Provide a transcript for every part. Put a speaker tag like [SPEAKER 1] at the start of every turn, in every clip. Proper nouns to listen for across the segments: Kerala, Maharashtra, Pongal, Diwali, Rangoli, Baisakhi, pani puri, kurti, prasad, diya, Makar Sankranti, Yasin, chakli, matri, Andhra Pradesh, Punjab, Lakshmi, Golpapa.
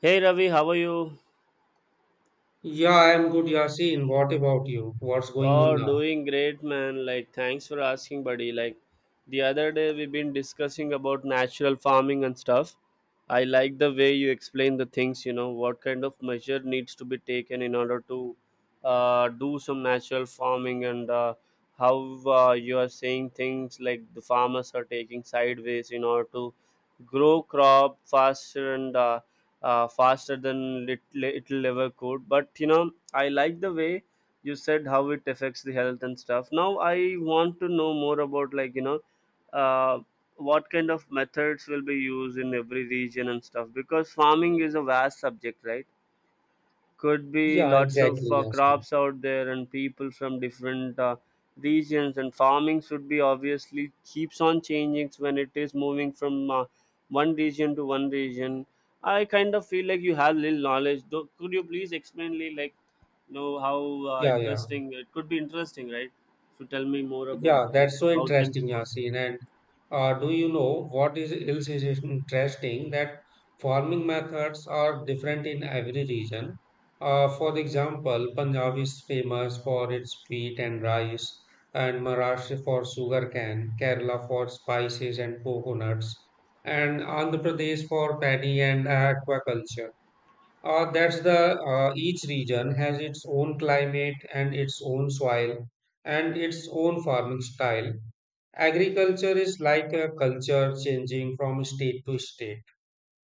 [SPEAKER 1] Hey Ravi, how are you?
[SPEAKER 2] Yeah, I'm good, Yasin. What about you? What's going on
[SPEAKER 1] Oh,
[SPEAKER 2] now?
[SPEAKER 1] doing great, man. Thanks for asking, buddy. The other day we've been discussing about natural farming and stuff. I like the way you explain the things, you know, what kind of measure needs to be taken in order to do some natural farming and how you are saying things like the farmers are taking sideways in order to grow crop faster and faster than it will ever could. But, you know, I like the way you said how it affects the health and stuff. Now I want to know more about, like, you know, uh, what kind of methods will be used in every region and stuff, because farming is a vast subject, right? Could be
[SPEAKER 2] Yeah,
[SPEAKER 1] lots of
[SPEAKER 2] exactly, Yasin.
[SPEAKER 1] crops out there and people from different regions, and farming should be obviously keeps on changing when it is moving from one region to one region. I kind of feel like you have little knowledge though. Could you please explain me, like, you know, how uh,
[SPEAKER 2] Yeah, yeah.
[SPEAKER 1] interesting it could be interesting, right? So tell me more about,
[SPEAKER 2] Yeah,
[SPEAKER 1] like,
[SPEAKER 2] that's so
[SPEAKER 1] how things
[SPEAKER 2] interesting,
[SPEAKER 1] work.
[SPEAKER 2] Yasin. And Do you know what is else is interesting? That farming methods are different in every region. For example, Punjab is famous for its wheat and rice, and Maharashtra for sugarcane, Kerala for spices and coconuts, and Andhra Pradesh for paddy and aquaculture. That's the Each region has its own climate and its own soil and its own farming style. Agriculture is like a culture changing from state to state.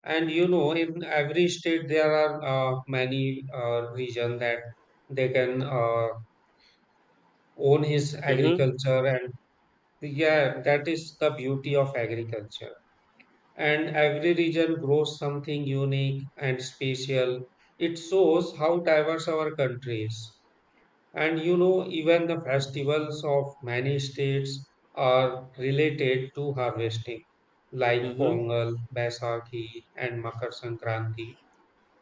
[SPEAKER 2] And you know, in every state there are many region that they can own his
[SPEAKER 1] Mm-hmm.
[SPEAKER 2] agriculture, and yeah, that is the beauty of agriculture, and every region grows something unique and special. It shows how diverse our country is. And you know, even the festivals of many states are related to harvesting, like
[SPEAKER 1] Mm-hmm.
[SPEAKER 2] Pongal, Baisakhi, and Makar Sankranti.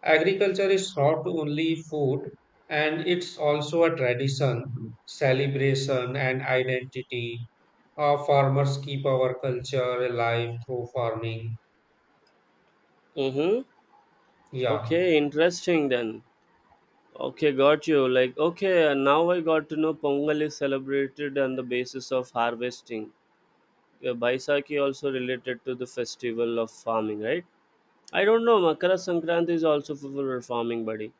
[SPEAKER 2] Agriculture is not only food, and it's also a tradition, celebration, and identity. Our farmers keep our culture alive through farming.
[SPEAKER 1] Mm-hmm.
[SPEAKER 2] Yeah.
[SPEAKER 1] Okay, interesting then. Okay, got you. Okay, and now I got to know Pongal is celebrated on the basis of harvesting. Baisakhi also related to the festival of farming, right? I don't know. Makara Sankranti is also for farming, buddy.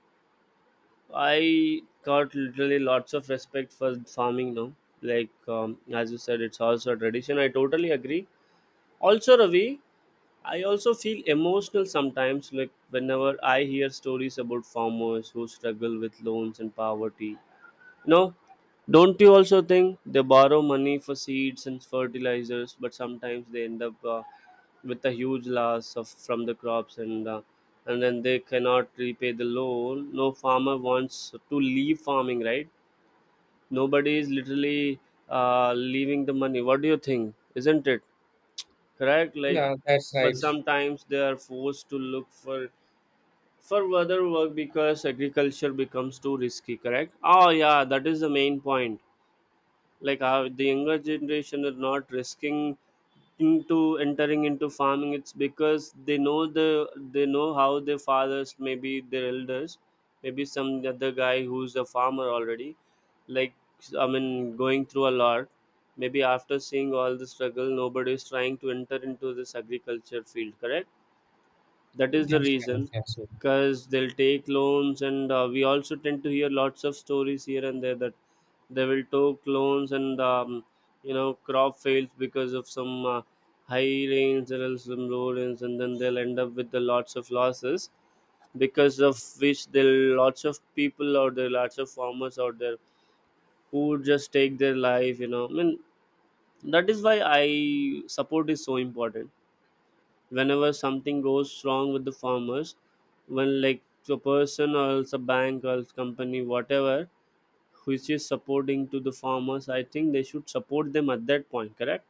[SPEAKER 1] I got literally lots of respect for farming now. As you said, it's also a tradition. I totally agree. Also, Ravi, I also feel emotional sometimes, like whenever I hear stories about farmers who struggle with loans and poverty. No, don't you also think they borrow money for seeds and fertilizers, but sometimes they end up with a huge loss of from the crops and and then they cannot repay the loan. No farmer wants to leave farming, right? Nobody is literally leaving the money. What do you think? Isn't it correct?
[SPEAKER 2] Yeah, that's right.
[SPEAKER 1] But sometimes they are forced to look for other work, because agriculture becomes too risky. Correct? Oh yeah, that is the main point. The younger generation are not risking into entering into farming. It's because they know they know how their fathers, maybe their elders, maybe some other guy who's a farmer already, like I mean, going through a lot. Maybe after seeing all the struggle, nobody is trying to enter into this agriculture field, correct? That is the
[SPEAKER 2] That's right.
[SPEAKER 1] reason,
[SPEAKER 2] That's right.
[SPEAKER 1] because they'll take loans and we also tend to hear lots of stories here and there that they will take loans and you know, crop fails because of some high rains or else some low rains, and then they'll end up with the lots of losses, because of which there are lots of people out there, lots of farmers out there who would just take their life, you know, I mean. That is why I support is so important. Whenever something goes wrong with the farmers, when, a person or else a bank or else company, whatever, which is supporting to the farmers, I think they should support them at that point, correct?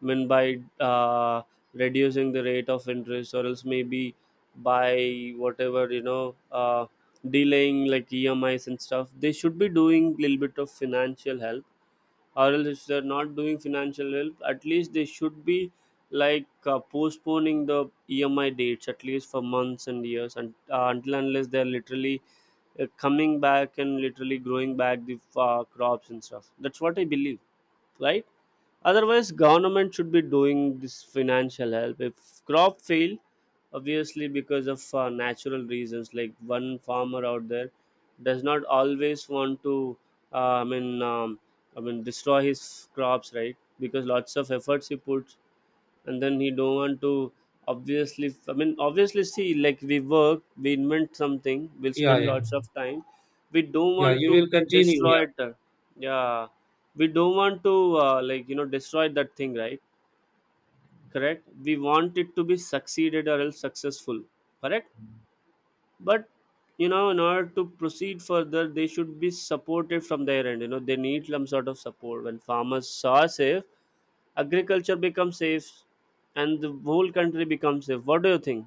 [SPEAKER 1] I mean, by reducing the rate of interest, or else maybe by whatever, you know, delaying like emis and stuff. They should be doing little bit of financial help, or else if they're not doing financial help, at least they should be, postponing the emi dates at least for months and years, and until unless they're literally coming back and literally growing back the crops and stuff. That's what I believe, right? Otherwise government should be doing this financial help if crop fail, obviously because of natural reasons. Like, one farmer out there does not always want to uh, i mean um, destroy his crops, right? Because lots of efforts he puts, and then he don't want to obviously. See, like, we work, we invent something, we'll
[SPEAKER 2] Yeah,
[SPEAKER 1] spend
[SPEAKER 2] yeah,
[SPEAKER 1] lots of time, we don't
[SPEAKER 2] yeah.
[SPEAKER 1] want
[SPEAKER 2] You
[SPEAKER 1] to
[SPEAKER 2] will continue.
[SPEAKER 1] destroy
[SPEAKER 2] Yeah,
[SPEAKER 1] it. Yeah, we don't want to like, you know, destroy that thing, right? Correct, we want it to be succeeded or else successful, correct? But, you know, in order to proceed further, they should be supported from their end. You know, they need some sort of support. When farmers are safe, agriculture becomes safe and the whole country becomes safe. What do you think?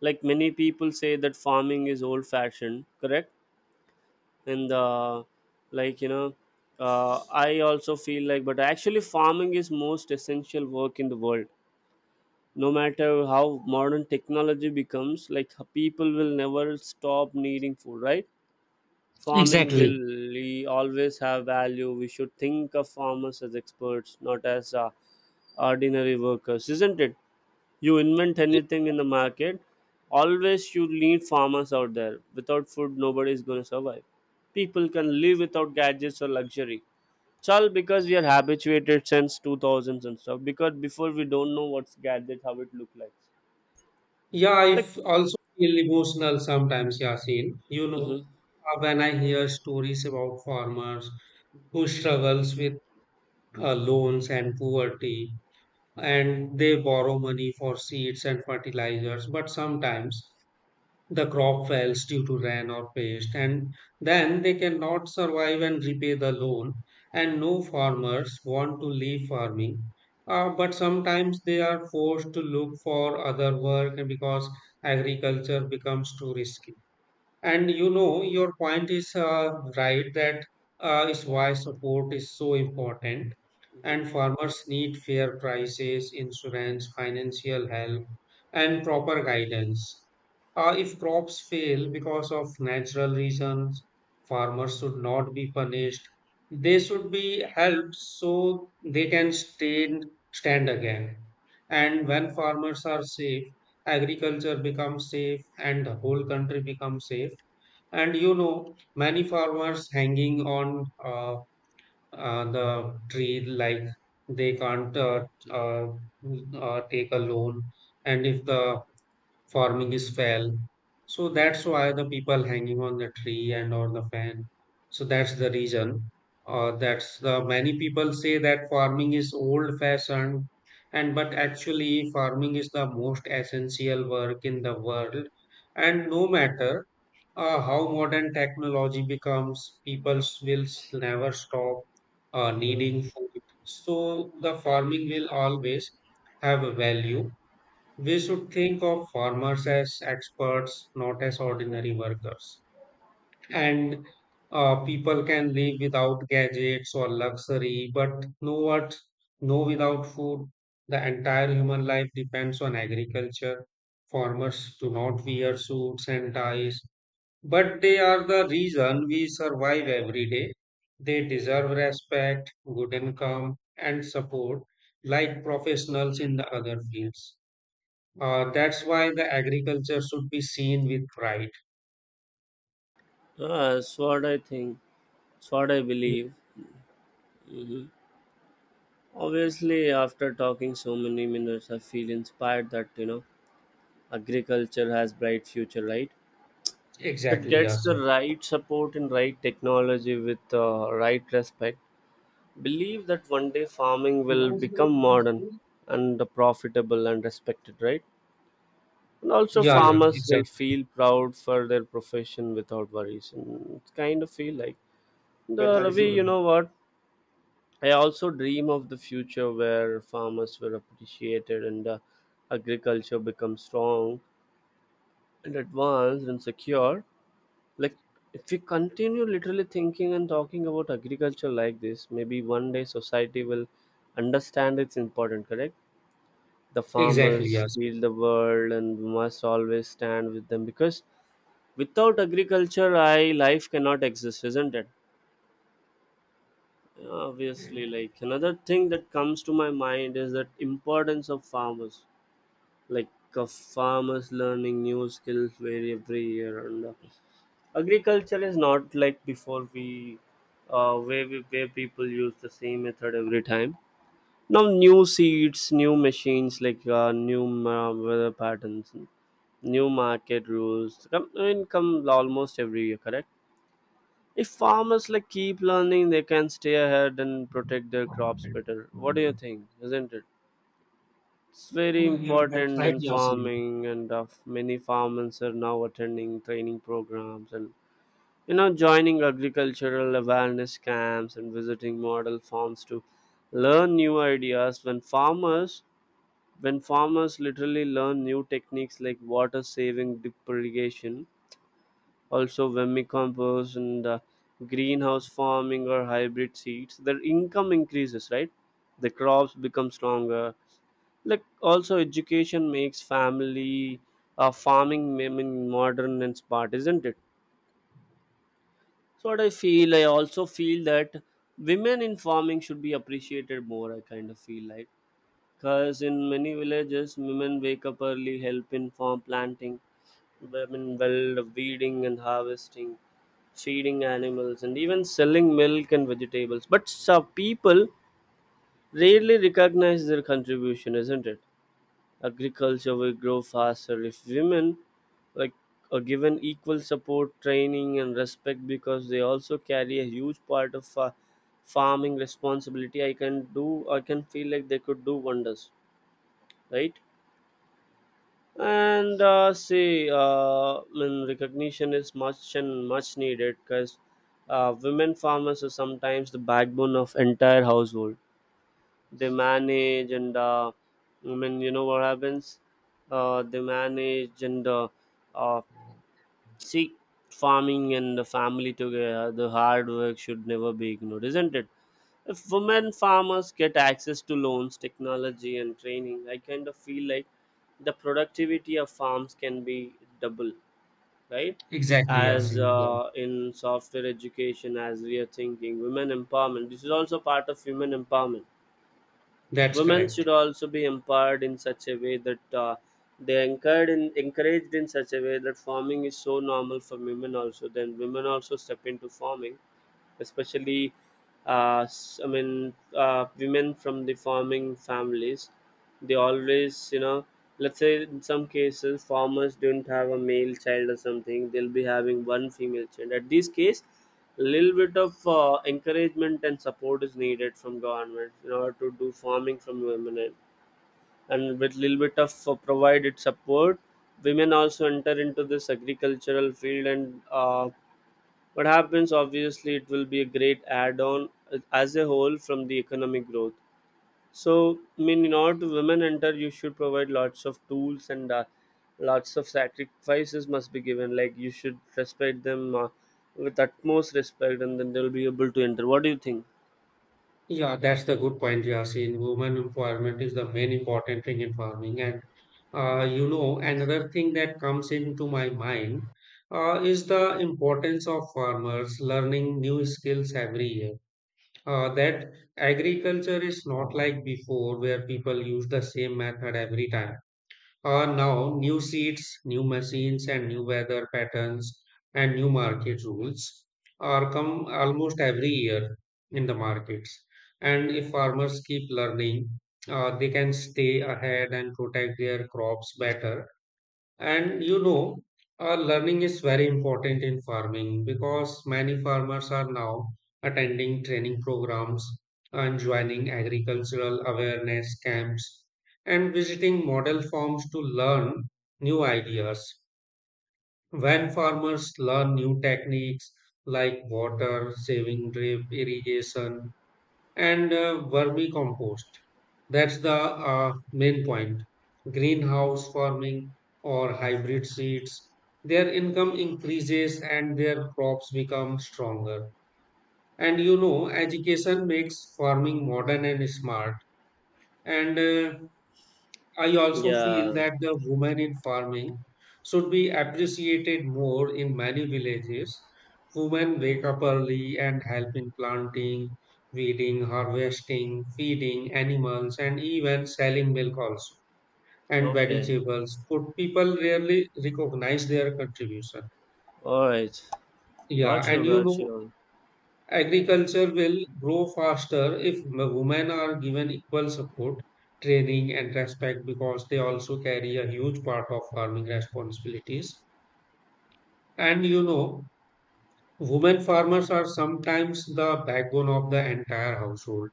[SPEAKER 1] Like, many people say that farming is old fashioned, correct? And uh, like you know uh, I also feel like, but actually farming is most essential work in the world. No matter how modern technology becomes, like, people will never stop needing food, right? Farming will
[SPEAKER 2] exactly,
[SPEAKER 1] always have value. We should think of farmers as experts, not as ordinary workers, isn't it? You invent anything in the market, always you need farmers out there. Without food, nobody is going to survive. People can live without gadgets or luxury. It's all because we are habituated since 2000s and stuff, because before we don't know what's gadget, how it look like.
[SPEAKER 2] yeah.
[SPEAKER 1] Like,
[SPEAKER 2] Also feel emotional sometimes, Yasin. You know,
[SPEAKER 1] mhm,
[SPEAKER 2] when I hear stories about farmers who struggles with loans and poverty, and they borrow money for seeds and fertilizers, but sometimes the crop fails due to rain or pest, and then they cannot survive and repay the loan. And no farmers want to leave farming, but sometimes they are forced to look for other work because agriculture becomes too risky. And you know, your point is right, that is why support is so important.
[SPEAKER 1] mhm,
[SPEAKER 2] And farmers need fair prices, insurance, financial help, and proper guidance. If crops fail because of natural reasons, farmers should not be punished. They should be helped so they can stand again. And when farmers are safe, agriculture becomes safe and the whole country becomes safe. And you know, many farmers hanging on the tree, like they can't uh, take a loan, and if the farming is fell, so that's why the people hanging on the tree and or the fan. So that's the reason. That's the Many people say that farming is old fashioned, and but actually farming is the most essential work in the world, and no matter how modern technology becomes, people will never stop
[SPEAKER 1] mhm.
[SPEAKER 2] needing food. So the farming will always have a value. We should think of farmers as experts, not as ordinary workers. And People can live without gadgets or luxury, but know what? No, without food. The entire human life depends on agriculture. Farmers do not wear suits and ties, but they are the reason we survive every day. They deserve respect, good income, and support like professionals in the other fields. That's why the agriculture should be seen with pride.
[SPEAKER 1] Ah, that's what I think, that's what I
[SPEAKER 2] Yeah,
[SPEAKER 1] believe. Obviously after talking so many minutes, I feel inspired that, you know, agriculture has bright future, right? It
[SPEAKER 2] exactly,
[SPEAKER 1] gets the
[SPEAKER 2] Yasin.
[SPEAKER 1] right support and right technology with right respect. Believe that one day farming will become modern and profitable and respected, right? And also
[SPEAKER 2] Yeah, yeah,
[SPEAKER 1] farmers will
[SPEAKER 2] exactly.
[SPEAKER 1] feel proud for their profession without worries, and it's kind of feel like, the Ravi, you know what, I also dream of the future where farmers were appreciated and agriculture becomes strong and advanced and secure. Like, if we continue literally thinking and talking about agriculture like this, maybe one day society will understand its importance, correct? The
[SPEAKER 2] Exactly,
[SPEAKER 1] farmers
[SPEAKER 2] Yasin.
[SPEAKER 1] feel the world and we must always stand with them, because without agriculture, I life cannot exist, isn't it? Obviously, like, another thing that comes to my mind is that importance of farmers, like of farmers learning new skills very every year, and agriculture is not like before we where people use the same method every time. Now new seeds, new machines, like, new weather patterns, new market rules come in, come almost every year, correct? If farmers like keep learning, they can stay ahead and protect their crops better. What do you think, isn't it? It's very important in farming, and of many farmers are now attending training programs and, you know, joining agricultural awareness camps and visiting model farms to learn new ideas. When farmers literally learn new techniques like water saving drip irrigation, also vermicompost and greenhouse farming or hybrid seeds, their income increases. Right, the crops become stronger. Like also, education makes family farming, I mean, modern and smart, isn't it? So what I feel, I also feel that women in farming should be appreciated more. I kind of feel like, because in many villages, women wake up early, help in farm planting, women well weeding and harvesting, feeding animals, and even selling milk and vegetables. But some people rarely recognize their contribution, isn't it? Agriculture will grow faster if women, like, are given equal support, training and respect, because they also carry a huge part of farming responsibility. I can do, I can feel like they could do wonders, right? and See, when recognition is much and much needed, because women farmers are sometimes the backbone of entire household. They manage and I mean you know what happens They manage and uh, see, farming and the family together, the hard work should never be ignored, isn't it? If women farmers get access to loans, technology and training, I kind of feel like the productivity of farms can be double, right?
[SPEAKER 2] Exactly,
[SPEAKER 1] as
[SPEAKER 2] Yasin. Yeah,
[SPEAKER 1] uh, in software education, as we are thinking women empowerment, this is also part of human empowerment.
[SPEAKER 2] that's
[SPEAKER 1] Women
[SPEAKER 2] correct.
[SPEAKER 1] should also be empowered in such a way that they encouraged in, encouraged in such a way that farming is so normal for women also. Then women also step into farming, especially women from the farming families. They always, you know, let's say in some cases farmers don't have a male child or something. They'll be having one female child. At this case, a little bit of encouragement and support is needed from government in order to do farming from women, and with little bit of provided support, women also enter into this agricultural field and. What happens, obviously, it will be a great add on as a whole from the economic growth. So, I mean, in order to women enter, you should provide lots of tools and lots of sacrifices must be given. Like, you should respect them with utmost respect, and then they'll be able to enter. What do you think?
[SPEAKER 2] Yeah, that's the good point, Yasin. Women empowerment is the main important thing in farming. You know, another thing that comes into my mind is the importance of farmers learning new skills every year. That agriculture is not like before, where people use the same method every time. Now, new seeds, new machines, and new weather patterns and new market rules are come almost every year in the markets. And if farmers keep learning, they can stay ahead and protect their crops better. And you know, learning is very important in farming because many farmers are now attending training programs and joining agricultural awareness camps and visiting model farms to learn new ideas. When farmers learn new techniques like water saving drip irrigation and vermicompost. That's the main point. Greenhouse farming or hybrid seeds, their income increases and their crops become stronger. And you know, education makes farming modern and smart. And I also feel
[SPEAKER 1] Yeah.
[SPEAKER 2] that the women in farming should be appreciated more. In many villages, women wake up early and help in planting, weeding, harvesting, feeding animals, and even selling milk also and
[SPEAKER 1] Okay.
[SPEAKER 2] vegetables. But people rarely recognize their contribution.
[SPEAKER 1] All right.
[SPEAKER 2] Yeah,
[SPEAKER 1] Got
[SPEAKER 2] and
[SPEAKER 1] you.
[SPEAKER 2] you
[SPEAKER 1] Got
[SPEAKER 2] know,
[SPEAKER 1] you.
[SPEAKER 2] agriculture will grow faster if women are given equal support, training, and respect because they also carry a huge part of farming responsibilities. And you know, women farmers are sometimes the backbone of the entire household.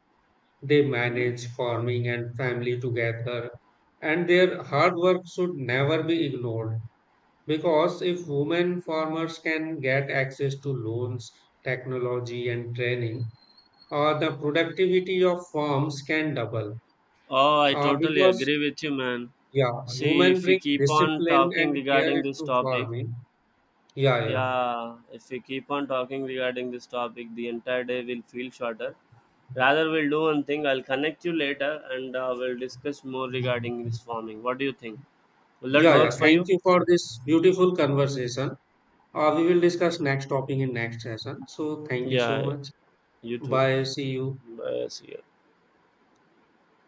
[SPEAKER 2] They
[SPEAKER 1] Hmm.
[SPEAKER 2] manage farming and family together, and their hard work should never be ignored, because if women farmers can get access to loans, technology, and training, the productivity of firms can double,
[SPEAKER 1] Oh, I totally
[SPEAKER 2] because
[SPEAKER 1] agree with you, man.
[SPEAKER 2] yeah,
[SPEAKER 1] See,
[SPEAKER 2] women
[SPEAKER 1] if we
[SPEAKER 2] bring
[SPEAKER 1] keep on
[SPEAKER 2] discipline and
[SPEAKER 1] talking
[SPEAKER 2] care
[SPEAKER 1] regarding this
[SPEAKER 2] into
[SPEAKER 1] topic,
[SPEAKER 2] farming. Yeah, yeah,
[SPEAKER 1] yeah, if we keep on talking regarding this topic, the entire day will feel shorter. Rather, we'll do one thing. I'll connect you later and we'll discuss more regarding this farming. What do you think? Will that
[SPEAKER 2] yeah, yeah,
[SPEAKER 1] works for
[SPEAKER 2] thank
[SPEAKER 1] you?
[SPEAKER 2] you for this beautiful conversation. Uh, we will discuss next topic in next session, so thank you so
[SPEAKER 1] Yeah,
[SPEAKER 2] much.
[SPEAKER 1] you too.
[SPEAKER 2] Bye, see you.
[SPEAKER 1] Bye. See you.